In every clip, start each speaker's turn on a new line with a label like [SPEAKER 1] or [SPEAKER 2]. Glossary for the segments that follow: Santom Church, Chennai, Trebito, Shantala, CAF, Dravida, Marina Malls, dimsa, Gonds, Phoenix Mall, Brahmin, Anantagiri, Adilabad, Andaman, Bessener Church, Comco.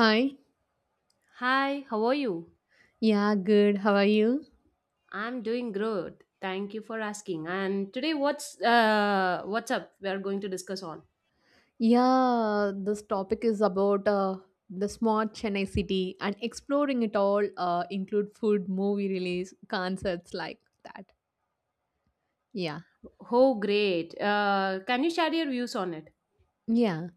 [SPEAKER 1] Hi.
[SPEAKER 2] Hi, how are you?
[SPEAKER 1] Yeah, good. How are you?
[SPEAKER 2] I'm doing good. Thank you for asking. And today, what's up? We are going to discuss on.
[SPEAKER 1] Yeah, this topic is about the smart Chennai city and exploring it all include food, movie release, concerts like that. Yeah.
[SPEAKER 2] Oh, great! Can you share your views on it?
[SPEAKER 1] Yeah.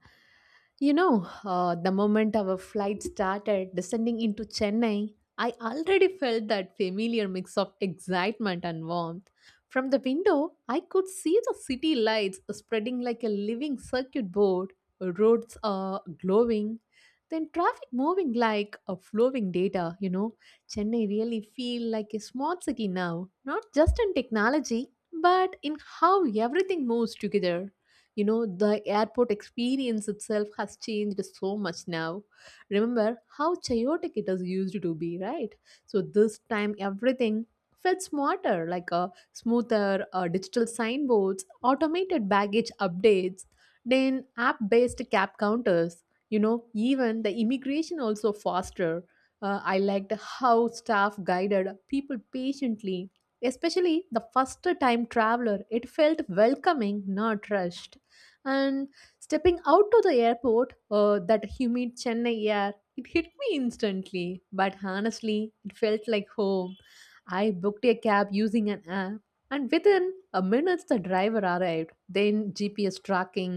[SPEAKER 1] The moment our flight started descending into Chennai, I already felt that familiar mix of excitement and warmth. From the window, I could see the city lights spreading like a living circuit board, roads are glowing, then traffic moving like a flowing data. Chennai really feel like a smart city now, not just in technology, but in how everything moves together. The airport experience itself has changed so much now. Remember how chaotic it has used to be, right? So this time everything felt smarter, like a smoother, digital signboards, automated baggage updates, then app based cab counters you know Even the immigration also faster. I liked how staff guided people patiently, especially the first time traveler. It felt welcoming, not rushed. And stepping out to the airport, that humid Chennai air, it hit me instantly. But honestly, it felt like home. I booked a cab using an app, and within a minute the driver arrived. Then GPS tracking,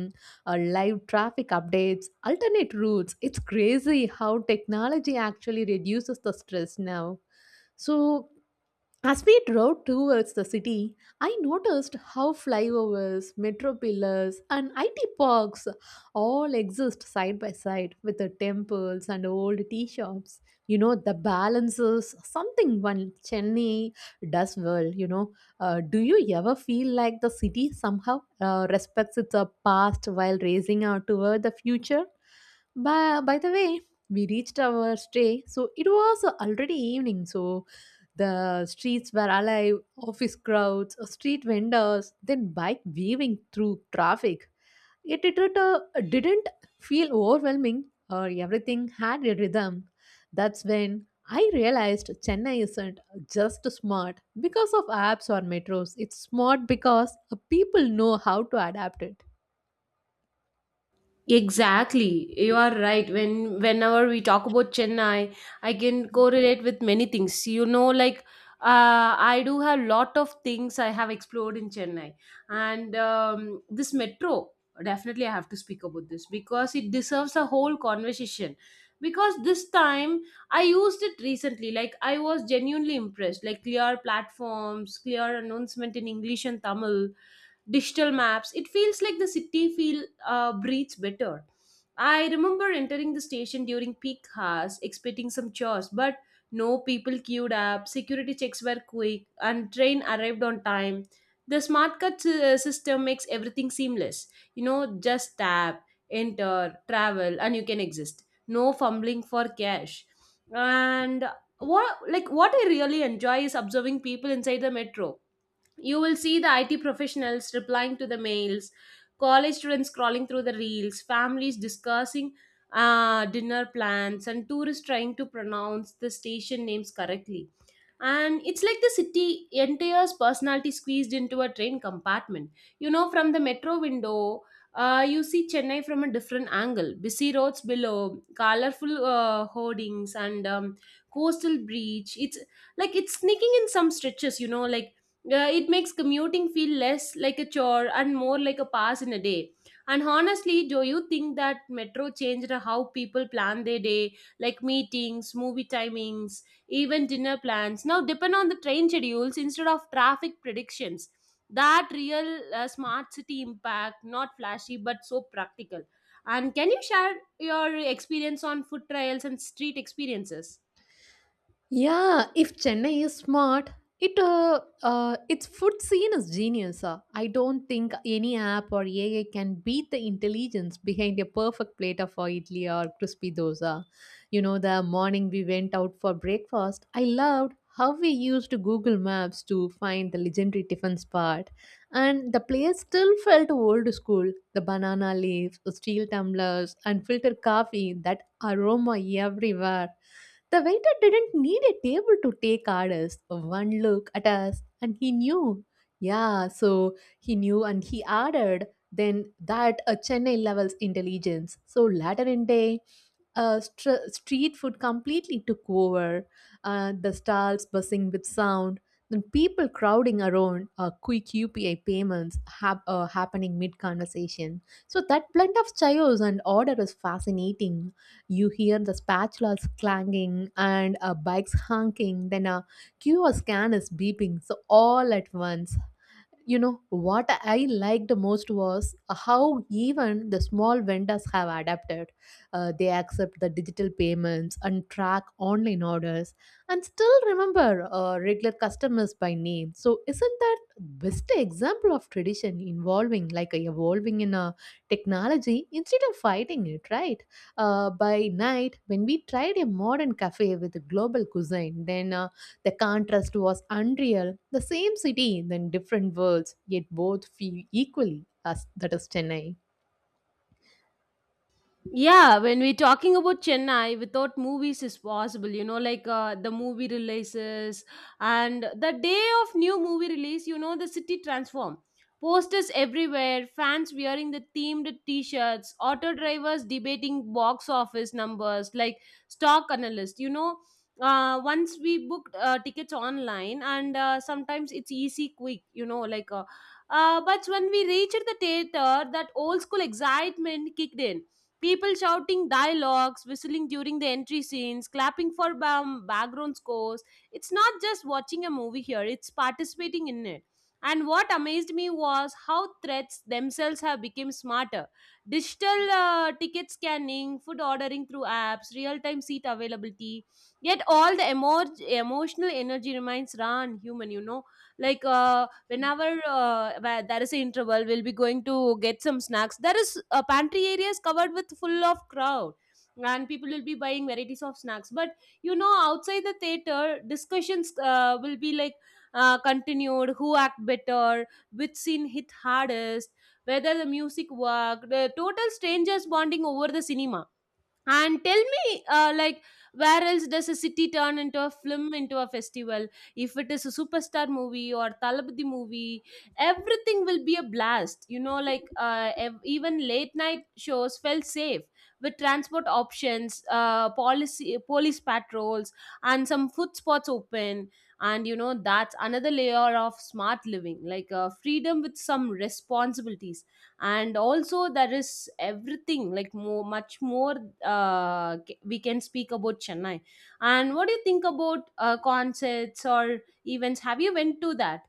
[SPEAKER 1] live traffic updates, alternate routes. It's crazy how technology actually reduces the stress now. So, as we drove towards the city, I noticed how flyovers, metro pillars, and IT parks all exist side by side with the temples and old tea shops. You know, the balance is something one Chennai does well. You know, do you ever feel like the city somehow respects its past while raising out toward the future? By the way, we reached our stay, so it was already evening. So the streets were alive, office crowds, street vendors, then bike weaving through traffic. Yet it didn't feel overwhelming, or everything had a rhythm. That's when I realized Chennai isn't just smart because of apps or metros. It's smart because people know how to adapt it.
[SPEAKER 2] Exactly, you are right. Whenever we talk about Chennai, I can correlate with many things. You know, like I do have lot of things I have explored in Chennai, and this metro definitely I have to speak about this because it deserves a whole conversation. Because this time I used it recently, like I was genuinely impressed. Like clear platforms, clear announcement in English and Tamil, digital maps. It feels like the city feel breathes better. I remember entering the station during peak hours, expecting some chores, but no, people queued up, security checks were quick, and train arrived on time. The smart card system makes everything seamless. You know, just tap, enter, travel, and you can exist. No fumbling for cash. And what I really enjoy is observing people inside the metro. You will see the IT professionals replying to the mails, college students scrolling through the reels, families discussing dinner plans, and tourists trying to pronounce the station names correctly. And it's like the city entire's personality squeezed into a train compartment. You know, from the metro window, you see Chennai from a different angle. Busy roads below, colorful hoardings, and coastal breach. It's like it's sneaking in some stretches, you know, like it makes commuting feel less like a chore and more like a pass in a day. And honestly, do you think that metro changed how people plan their day, like meetings, movie timings, even dinner plans? Now depend on the train schedules instead of traffic predictions. That real smart city impact, not flashy but so practical. And can you share your experience on food trials and street experiences?
[SPEAKER 1] Yeah, if Chennai is smart, it its food scene is genius. I don't think any app or AI can beat the intelligence behind a perfect plate of idli or crispy dosa. You know, the morning we went out for breakfast, I loved how we used Google Maps to find the legendary tiffin spot, and the place still felt old school. The banana leaves, the steel tumblers, and filtered coffee, that aroma everywhere. The waiter didn't need a table to take orders. One look at us and he knew. Yeah, so he knew and he ordered. Then that a Chennai levels intelligence. So later in day, street food completely took over, the stalls buzzing with sound, then people crowding around, quick UPI payments happening mid conversation. So that blend of chaos and order is fascinating. You hear the spatulas clanging and bikes honking, then a QR scan is beeping, so all at once. You know what I liked most was how even the small vendors have adapted. They accept the digital payments and track online orders, and still remember regular customers by name. So isn't that best example of tradition involving, like, evolving in a technology instead of fighting it, right? By night, when we tried a modern cafe with a global cuisine, then the contrast was unreal. The same city, then different worlds, yet both feel equally, as that is Chennai.
[SPEAKER 2] Yeah, when we're talking about Chennai, without movies is possible. You know, like the movie releases and the day of new movie release, you know, the city transform. Posters everywhere, fans wearing the themed t-shirts, auto drivers debating box office numbers like stock analyst. You know, once we booked tickets online and sometimes it's easy, quick. You know, like, but when we reached the theater, that old school excitement kicked in. People shouting dialogues, whistling during the entry scenes, clapping for background scores. It's not just watching a movie here, it's participating in it. And what amazed me was how threats themselves have become smarter. Digital ticket scanning, food ordering through apps, real time seat availability. Yet all the emotional energy remains run human, you know. Like, whenever Where there is an interval, we'll be going to get some snacks. There is a pantry areas covered with full of crowd and people will be buying varieties of snacks, but you know, outside the theater discussions will be like continued, who act better, which scene hit hardest, whether the music worked, the total strangers bonding over the cinema. And tell me, where else does a city turn into a film into a festival? If it is a superstar movie or Talabadi movie, everything will be a blast. You know, like, even late night shows felt safe with transport options, policy, police patrols, and some food spots open. And you know, that's another layer of smart living, like freedom with some responsibilities. And also there is everything like more much more, we can speak about Chennai. And what do you think about concerts or events? Have you went to that?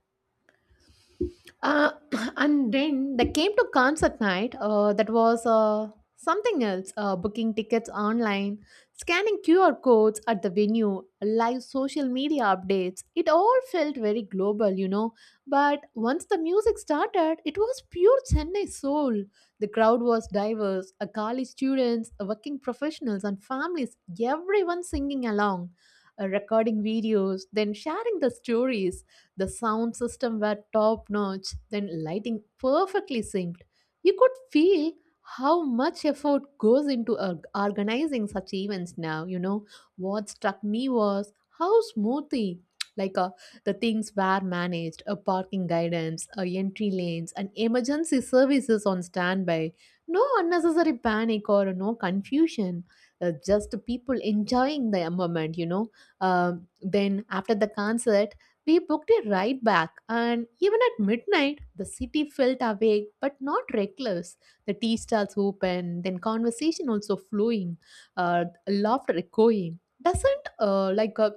[SPEAKER 1] Uh, and then they came to concert night. That was something else. Booking tickets online, scanning QR codes at the venue, live social media updates. It all felt very global, you know. But once the music started, it was pure Chennai soul. The crowd was diverse: a college students, a working professionals, and families. Everyone singing along, recording videos, then sharing the stories. The sound system were top notch, then lighting perfectly synced. You could feel how much effort goes into organizing such events now, you know. What struck me was how smoothly, like uh, the things were managed, a parking guidance, a entry lanes, and emergency services on standby. No unnecessary panic or no confusion, just people enjoying the moment, you know. Then after the concert, we booked a ride back, and even at midnight, the city felt awake but not reckless. The tea stalls open, then conversation also flowing, laughter echoing. Doesn't like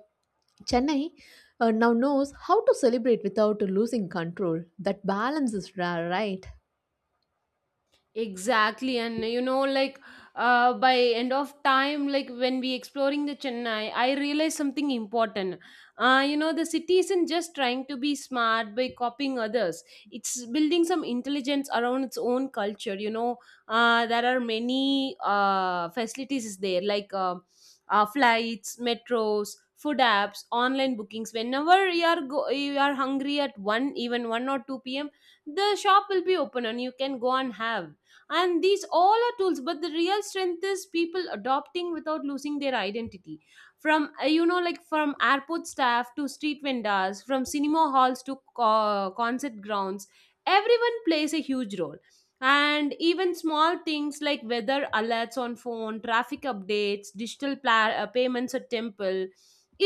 [SPEAKER 1] Chennai now knows how to celebrate without losing control. That balance is rare, right?
[SPEAKER 2] Exactly, and you know, like by end of time, like when we exploring the Chennai, I realized something important. You know, the city isn't just trying to be smart by copying others; it's building some intelligence around its own culture. You know, there are many facilities is there, like, flights, metros, food apps, online bookings. Whenever you are go, you are hungry at one, even one or two p.m., the shop will be open, and you can go and have. And these all are tools, but the real strength is people adopting without losing their identity, from you know, like from airport staff to street vendors, from cinema halls to concert grounds, everyone plays a huge role. And even small things like weather alerts on phone, traffic updates, digital payments at temple,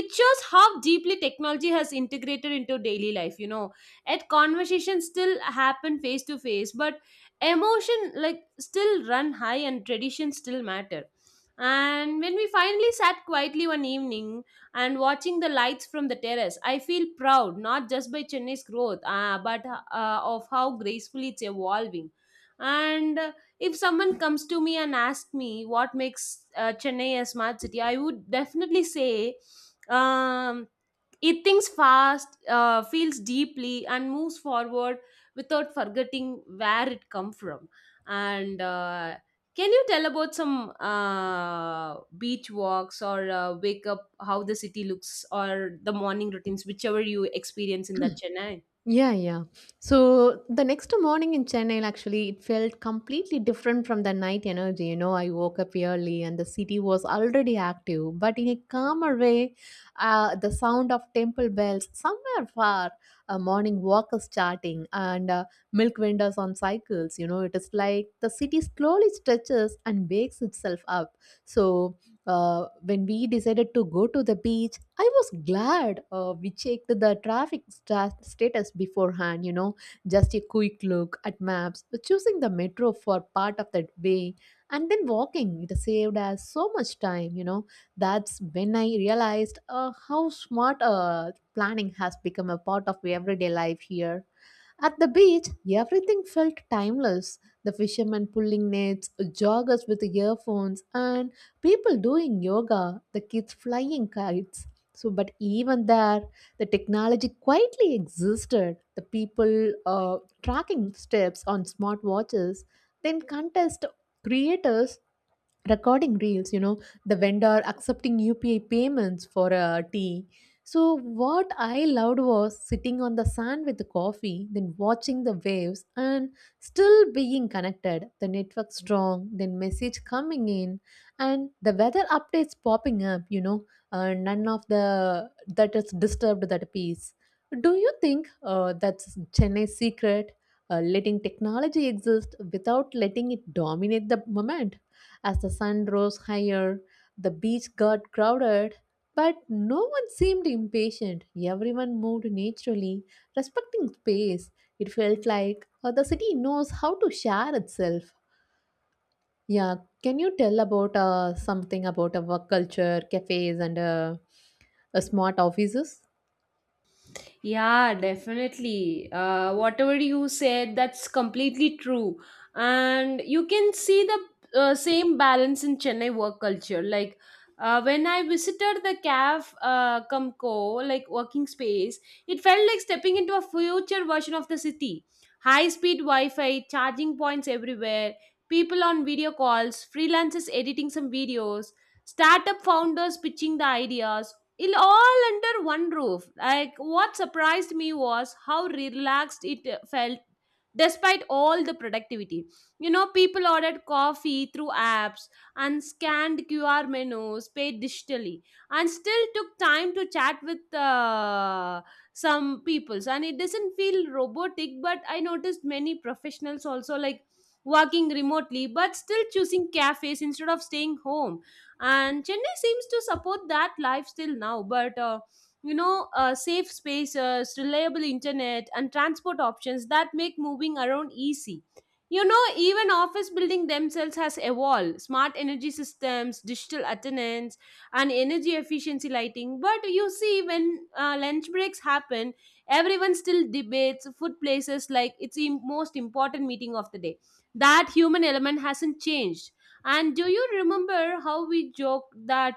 [SPEAKER 2] it shows how deeply technology has integrated into daily life, you know. At conversations still happen face to face, but emotion like still run high and tradition still matter. And when we finally sat quietly one evening and watching the lights from the terrace, I feel proud, not just by Chennai's growth but of how gracefully it's evolving. And if someone comes to me and asks me what makes Chennai a smart city, I would definitely say, um, it thinks fast, feels deeply, and moves forward without forgetting where it come from. And can you tell about some beach walks or wake up how the city looks or the morning routines, whichever you experience in that Chennai?
[SPEAKER 1] Yeah, yeah. So the next morning in Chennai, actually, it felt completely different from the night energy. You know, I woke up early and the city was already active, but in a calmer way, the sound of temple bells somewhere far, a morning walk is starting, and milk vendors on cycles. You know, it is like the city slowly stretches and wakes itself up. So when we decided to go to the beach, I was glad we checked the traffic status beforehand, you know, just a quick look at maps, choosing the metro for part of that way, and then walking. It saved us so much time, you know. That's when I realized how smart planning has become a part of everyday life here. At the beach, everything felt timeless. The fishermen pulling nets, joggers with earphones, and people doing yoga, the kids flying kites. So, but even there, the technology quietly existed. The people tracking steps on smartwatches, then contest creators recording reels. You know, the vendor accepting UPI payments for a tea. So what I loved was sitting on the sand with the coffee, then watching the waves, and still being connected, the network strong, then message coming in, and the weather updates popping up, you know. None of the that is disturbed that peace. Do you think that's Chennai's secret, letting technology exist without letting it dominate the moment? As the sun rose higher, the beach got crowded, but no one seemed impatient. Everyone moved naturally, respecting space. It felt like the city knows how to share itself. Yeah, can you tell about something about a work culture, cafes, and smart offices?
[SPEAKER 2] Yeah, definitely. Whatever you said, that's completely true. And you can see the same balance in Chennai work culture. Like when I visited the CAF, Comco, like working space, it felt like stepping into a future version of the city. High speed Wi Fi, charging points everywhere, people on video calls, freelancers editing some videos, startup founders pitching the ideas, it all under one roof. Like what surprised me was how relaxed it felt despite all the productivity. You know, people ordered coffee through apps and scanned QR menus, paid digitally, and still took time to chat with some peoples. And it doesn't feel robotic, but I noticed many professionals also like working remotely but still choosing cafes instead of staying home. And Chennai seems to support that lifestyle now, but you know, safe spaces, reliable internet, and transport options that make moving around easy. You know, even office building themselves has evolved, smart energy systems, digital attendance, and energy efficiency lighting. But you see, when lunch breaks happen, everyone still debates food places like it's the most important meeting of the day. That human element hasn't changed. And do you remember how we joked that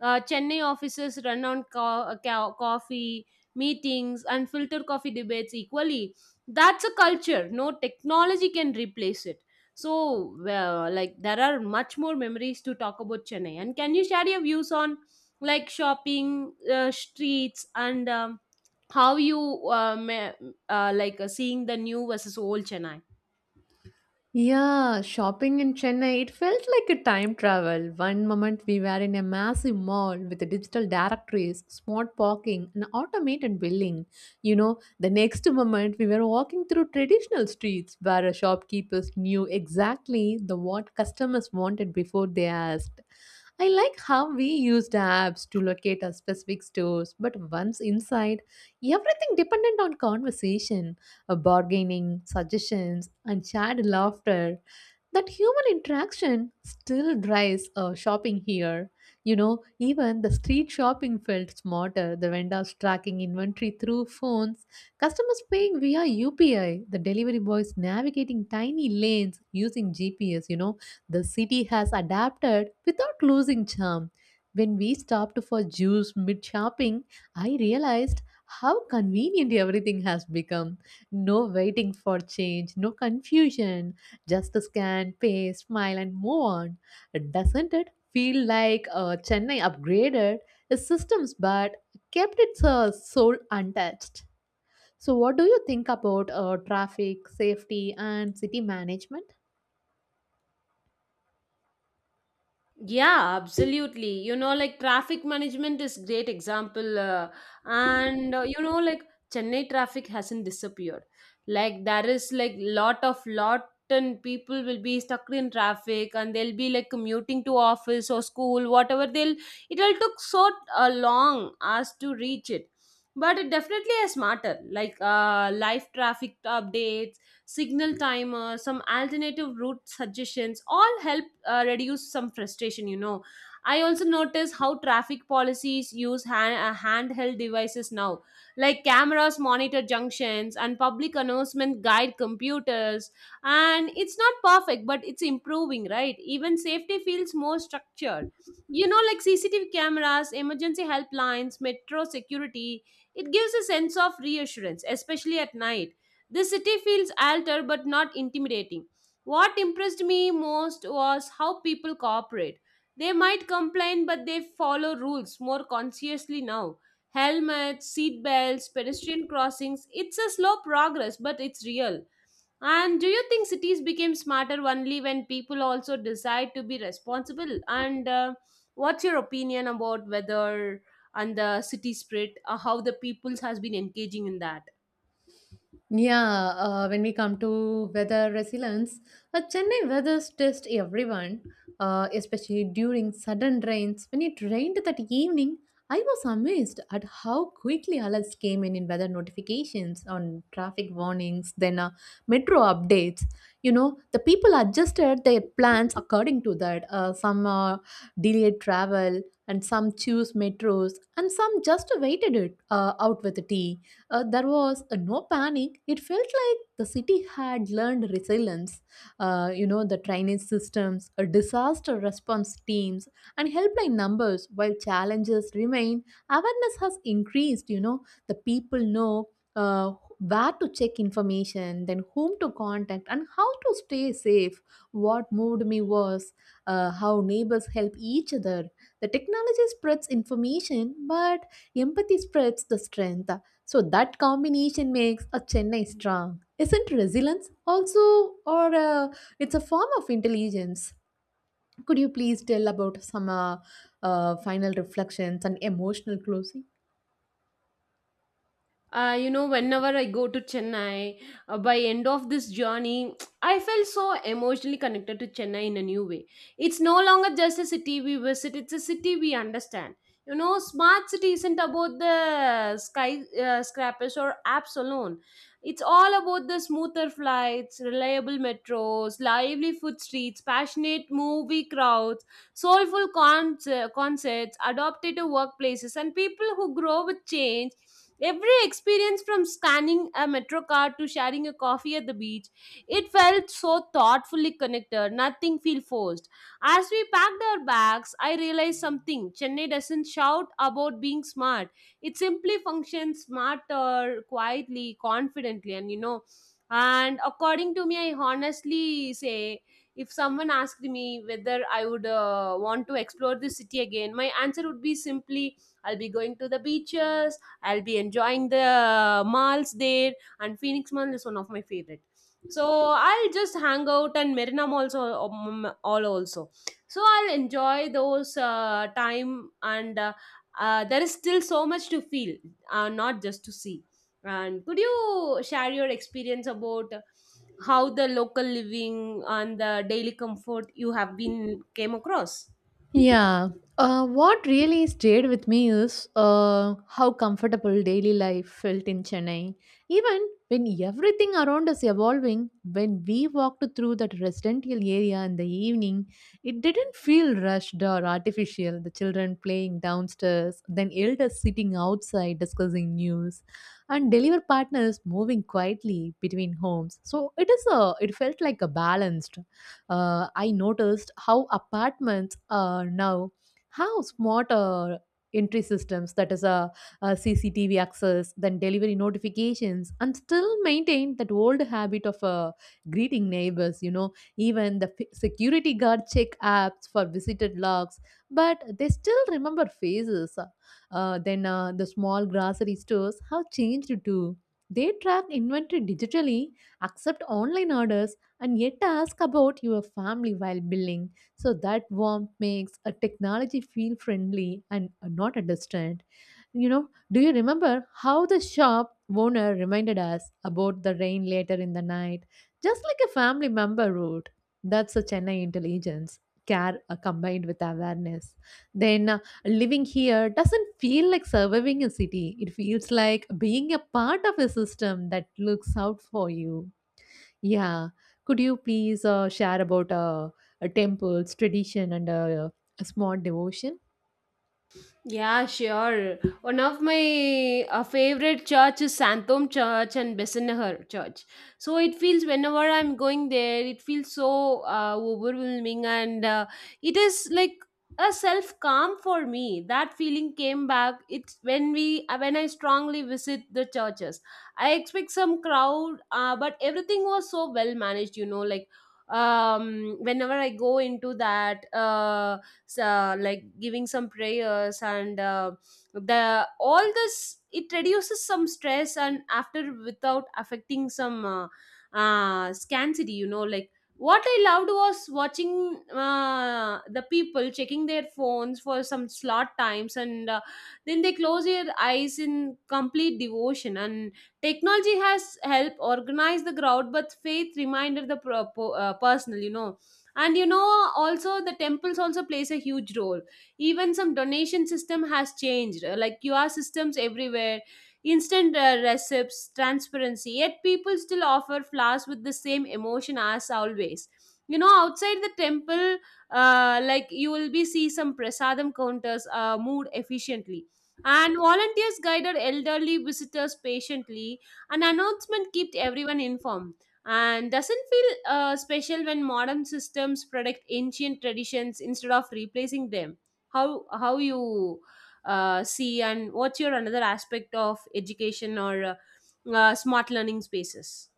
[SPEAKER 2] Chennai offices run on coffee meetings and filter coffee debates equally? That's a culture. No technology can replace it. So, well, like, there are much more memories to talk about Chennai. And can you share your views on like shopping, streets, and how you um, like seeing the new versus old Chennai?
[SPEAKER 1] Yeah, shopping in Chennai, it felt like a time travel. One moment we were in a massive mall with digital directories, smart parking, and automated billing. You know, the next moment we were walking through traditional streets where shopkeepers knew exactly the what customers wanted before they asked. I like how we used apps to locate our specific stores, but once inside, everything depended on conversation, bargaining, suggestions, and shared laughter. That human interaction still drives shopping here. You know, even the street shopping felt smarter. The vendors tracking inventory through phones, customers paying via UPI, the delivery boys navigating tiny lanes using GPS. You know, the city has adapted without losing charm. When we stopped for juice mid shopping, I realized how convenient everything has become. No waiting for change, no confusion, just scan, pay, smile, and move on. Doesn't it feel like Chennai upgraded its systems but kept its soul untouched? So, what do you think about traffic, safety, and city management?
[SPEAKER 2] Yeah, absolutely. You know, like traffic management is great example, and you know, like Chennai traffic hasn't disappeared. Like there is like lot of lot and people will be stuck in traffic, and they'll be like commuting to office or school, whatever. They'll It'll took so long as to reach it. But it definitely is smarter, like live traffic updates, signal timer, some alternative route suggestions, all help reduce some frustration. You know, I also notice how traffic policies use handheld devices now, like cameras monitor junctions and public announcement guide computers. And it's not perfect, but it's improving, right? Even safety feels more structured, you know, like CCTV cameras, emergency helplines, metro security. It gives a sense of reassurance, especially at night. The city feels altered but not intimidating. What impressed me most was how people cooperate. They might complain, but they follow rules more consciously now. Helmets, seat belts, pedestrian crossings. It's a slow progress, but it's real. And do you think cities became smarter only when people also decide to be responsible? And what's your opinion about whether and the city spirit, how the peoples has been engaging in that?
[SPEAKER 1] Yeah, when we come to weather resilience, Chennai weather test everyone, especially during sudden rains. When it rained that evening, I was amazed at how quickly alerts came in weather notifications, on traffic warnings, then metro updates. You know, the people adjusted their plans according to that. Some delayed travel, and some choose metros, and some just waited it out with tea. There was no panic. It felt like the city had learned resilience. You know, the drainage systems, disaster response teams, and helpline numbers. While challenges remain, awareness has increased. You know, the people know uh, where to check information, then whom to contact, and how to stay safe. What moved me was how neighbors help each other. The technology spreads information, but empathy spreads the strength. So that combination makes a Chennai strong. Isn't resilience also, or it's a form of intelligence? Could you please tell about some final reflections and emotional closing?
[SPEAKER 2] You know, whenever I go to Chennai, by end of this journey, I felt so emotionally connected to Chennai in a new way. It's no longer just a city we visit, it's a city we understand. You know, smart city isn't about the sky scrappers or apps alone. It's all about the smoother flights, reliable metros, lively food streets, passionate movie crowds, soulful concerts, adaptive workplaces, and people who grow with change. Every experience from scanning a metro card to sharing a coffee at the beach, it felt so thoughtfully connected. Nothing felt forced. As we packed our bags, I realized something. Chennai doesn't shout about being smart. It simply functions smarter, quietly, confidently, and you know. And according to me, I honestly say if someone asked me whether I would want to explore this city again, my answer would be simply I'll be going to the beaches, I'll be enjoying the malls there, and Phoenix Mall is one of my favorite. So I'll just hang out and Marina Malls all also. So I'll enjoy those time and there is still so much to feel, not just to see. And could you share your experience about how the local living and the daily comfort you have been came across?
[SPEAKER 1] Yeah. What really stayed with me is how comfortable daily life felt in Chennai. Even when everything around us evolving, when we walked through that residential area in the evening, it didn't feel rushed or artificial. The children playing downstairs, then elders sitting outside discussing news, and delivery partners moving quietly between homes. So it is a it felt like a balanced. I noticed how apartments now have smart entry systems, that is a, CCTV access, then delivery notifications, and still maintain that old habit of greeting neighbors. You know, even the security guard check apps for visited logs, but they still remember faces. The small grocery stores have changed too. They track inventory digitally, accept online orders, and yet ask about your family while billing. So that warmth makes a technology feel friendly and not a distant. You know, do you remember how the shop owner reminded us about the rain later in the night? Just like a family member would. That's a Chennai intelligence. Care combined with awareness. Then Living here doesn't feel like surviving a city. It feels like being a part of a system that looks out for you. Yeah. Could you please share about a temple's tradition and a small devotion?
[SPEAKER 2] Yeah, sure. One of my favorite church is Santom Church and Bessener Church. So it feels whenever I'm going there, it feels so overwhelming, and it is like a self calm for me. That feeling came back. It's when we when I strongly visit the churches. I expect some crowd, but everything was so well managed. You know, like whenever I go into that, like giving some prayers and the all this it reduces some stress and after without affecting some scarcity, you know, like what I loved was watching the people checking their phones for some slot times and then they close their eyes in complete devotion, and technology has helped organize the crowd, but faith reminded the personal, you know. And you know, also the temples also plays a huge role. Even some donation system has changed, like QR systems everywhere, instant recipes, transparency, yet people still offer flowers with the same emotion as always. You know, outside the temple, like you will be see some prasadam counters moved efficiently, and volunteers guided elderly visitors patiently, an announcement kept everyone informed. And doesn't feel special when modern systems protect ancient traditions instead of replacing them? How you see, and what's your another aspect of education or smart learning spaces?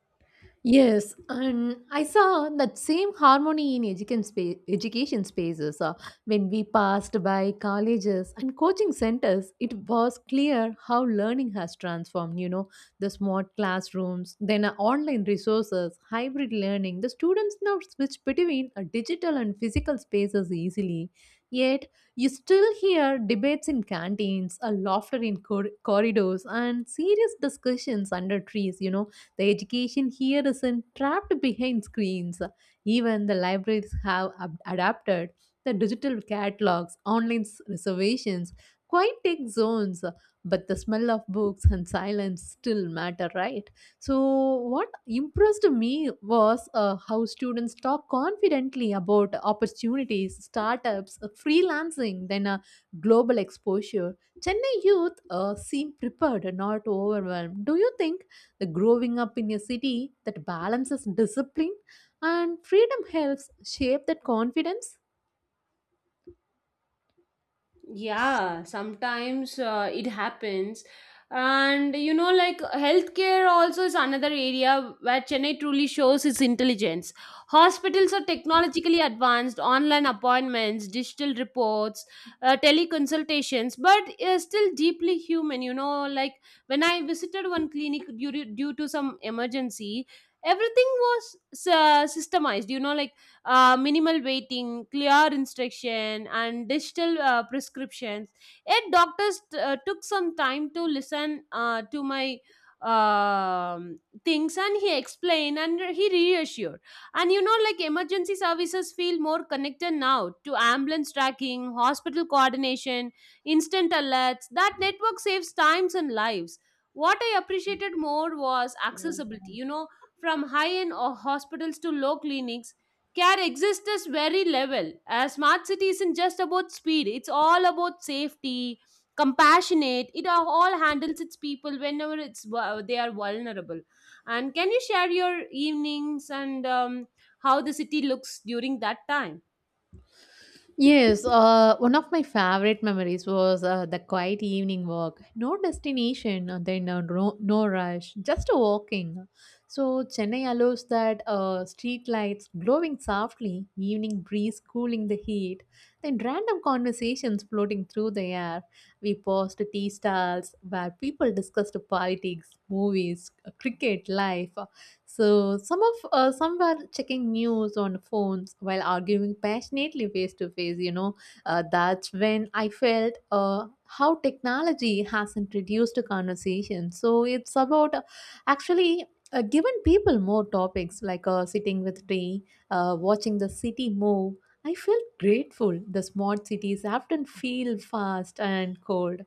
[SPEAKER 1] Yes, and I saw that same harmony in education, education spaces. When we passed by colleges and coaching centers, it was clear how learning has transformed. You know, the smart classrooms, then online resources, hybrid learning. The students now switch between digital and physical spaces easily. Yet, you still hear debates in canteens, a laughter in corridors, and serious discussions under trees. You know the education here isn't trapped behind screens. Even the libraries have adapted the digital catalogs, online reservations, quiet tech zones, but the smell of books and silence still matter, right? So, what impressed me was how students talk confidently about opportunities, startups, freelancing, then global exposure. Chennai youth seem prepared, not overwhelmed. Do you think the growing up in a city that balances discipline and freedom helps shape that confidence?
[SPEAKER 2] Yeah, sometimes it happens. And you know, like healthcare also is another area where Chennai truly shows its intelligence. Hospitals are technologically advanced, online appointments, digital reports, teleconsultations, but still deeply human. You know, like when I visited one clinic due to some emergency, everything was systemized. You know, like minimal waiting, clear instruction, and digital prescriptions. Yet doctors took some time to listen to my um things, and he explained and he reassured. And you know, like emergency services feel more connected now to ambulance tracking, hospital coordination, instant alerts. That network saves times and lives. What I appreciated more was accessibility, you know, from high end hospitals to low clinics, care exists this very level. A smart city isn't just about speed, it's all about safety, compassionate. It all handles its people whenever it's they are vulnerable. And can you share your evenings, and how the city looks during that time?
[SPEAKER 1] Yes, one of my favorite memories was the quiet evening walk. No destination, then no rush, just a walking. So Chennai allows that street lights glowing softly, evening breeze cooling the heat, then random conversations floating through the air. We paused at tea stalls where people discussed politics, movies, cricket, life. So some were checking news on phones while arguing passionately face to face. You know, that's when I felt how technology hasn't reduced the conversation. So it's about actually giving people more topics like sitting with tea, watching the city move. I feel grateful. The smart cities often feel fast and cold.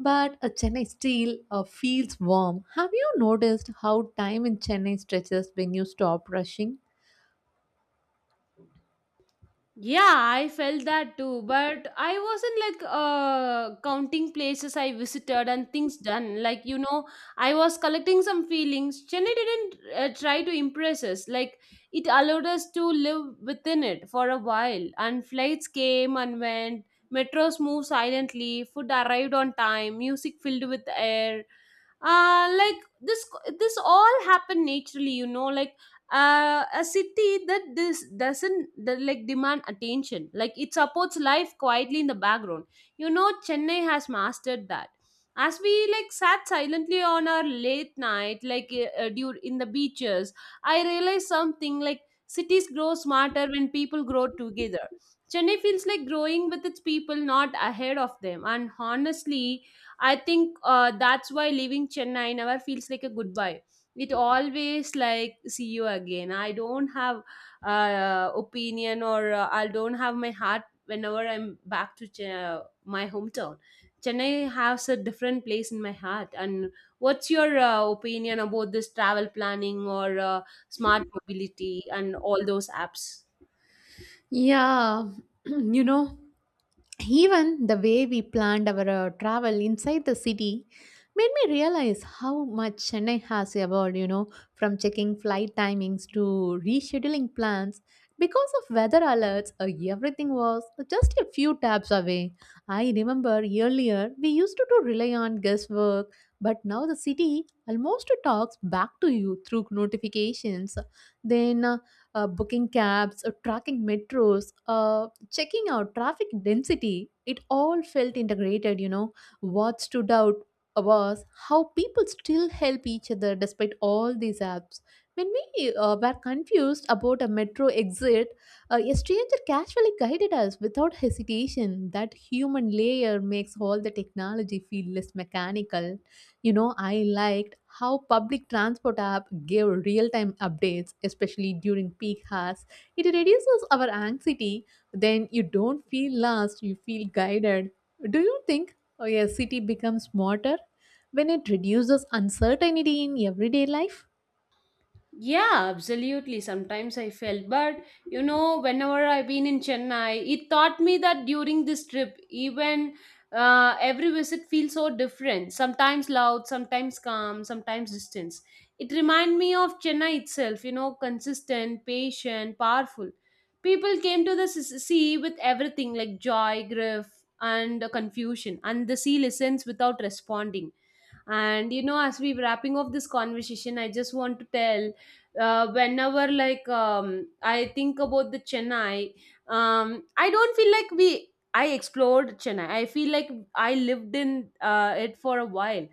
[SPEAKER 1] But a Chennai steel feels warm. Have you noticed how time in Chennai stretches when you stop rushing?
[SPEAKER 2] Yeah, I felt that too, but I wasn't like counting places I visited and things done. Like, you know, I was collecting some feelings. Chennai didn't try to impress us. Like it allowed us to live within it for a while. And flights came and went. Metros moved silently. Food arrived on time. Music filled with air. Like this, this all happened naturally. You know, like a city that this doesn't that, like demand attention, like it supports life quietly in the background. You know, Chennai has mastered that. As we like sat silently on our late night, due in the beaches, I realized something, like cities grow smarter when people grow together. Chennai feels like growing with its people, not ahead of them. And honestly, I think that's why leaving Chennai never feels like a goodbye. It always like see you again. I don't have opinion or I don't have my heart whenever I'm back to my hometown. Chennai has a different place in my heart. And what's your opinion about this travel planning or smart mobility and all those apps?
[SPEAKER 1] Yeah, you know, even the way we planned our travel inside the city made me realize how much Chennai has evolved, you know, from checking flight timings to rescheduling plans. Because of weather alerts, everything was just a few taps away. I remember earlier we used to do rely on guesswork, but now the city almost talks back to you through notifications. Then Booking cabs, tracking metros, checking out traffic density. It all felt integrated, you know. What stood out was how people still help each other despite all these apps. When we were confused about a metro exit, a stranger casually guided us without hesitation. That human layer makes all the technology feel less mechanical. You know, I liked how public transport app gave real-time updates, especially during peak hours. It reduces our anxiety. Then you don't feel lost, you feel guided. Do you think oh yeah, city becomes smarter when it reduces uncertainty in everyday life?
[SPEAKER 2] Yeah, absolutely. Sometimes I felt, but you know, whenever I've been in Chennai, it taught me that during this trip, even every visit feels so different. Sometimes loud, sometimes calm, sometimes distance. It reminded me of Chennai itself, you know, consistent, patient, powerful. People came to the sea with everything, like joy, grief, and confusion, and the sea listens without responding. And you know, as we wrapping up this conversation, I just want to tell, whenever I think about the Chennai, I don't feel like we I explored Chennai, I feel like I lived in it for a while.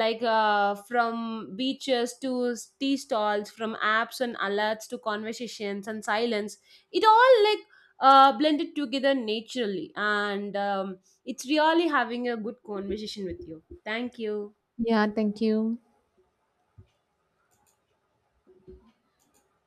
[SPEAKER 2] Like, from beaches to tea stalls, from apps and alerts to conversations and silence, it all like blended together naturally. And it's really having a good conversation with you. Thank you.
[SPEAKER 1] Yeah, thank you.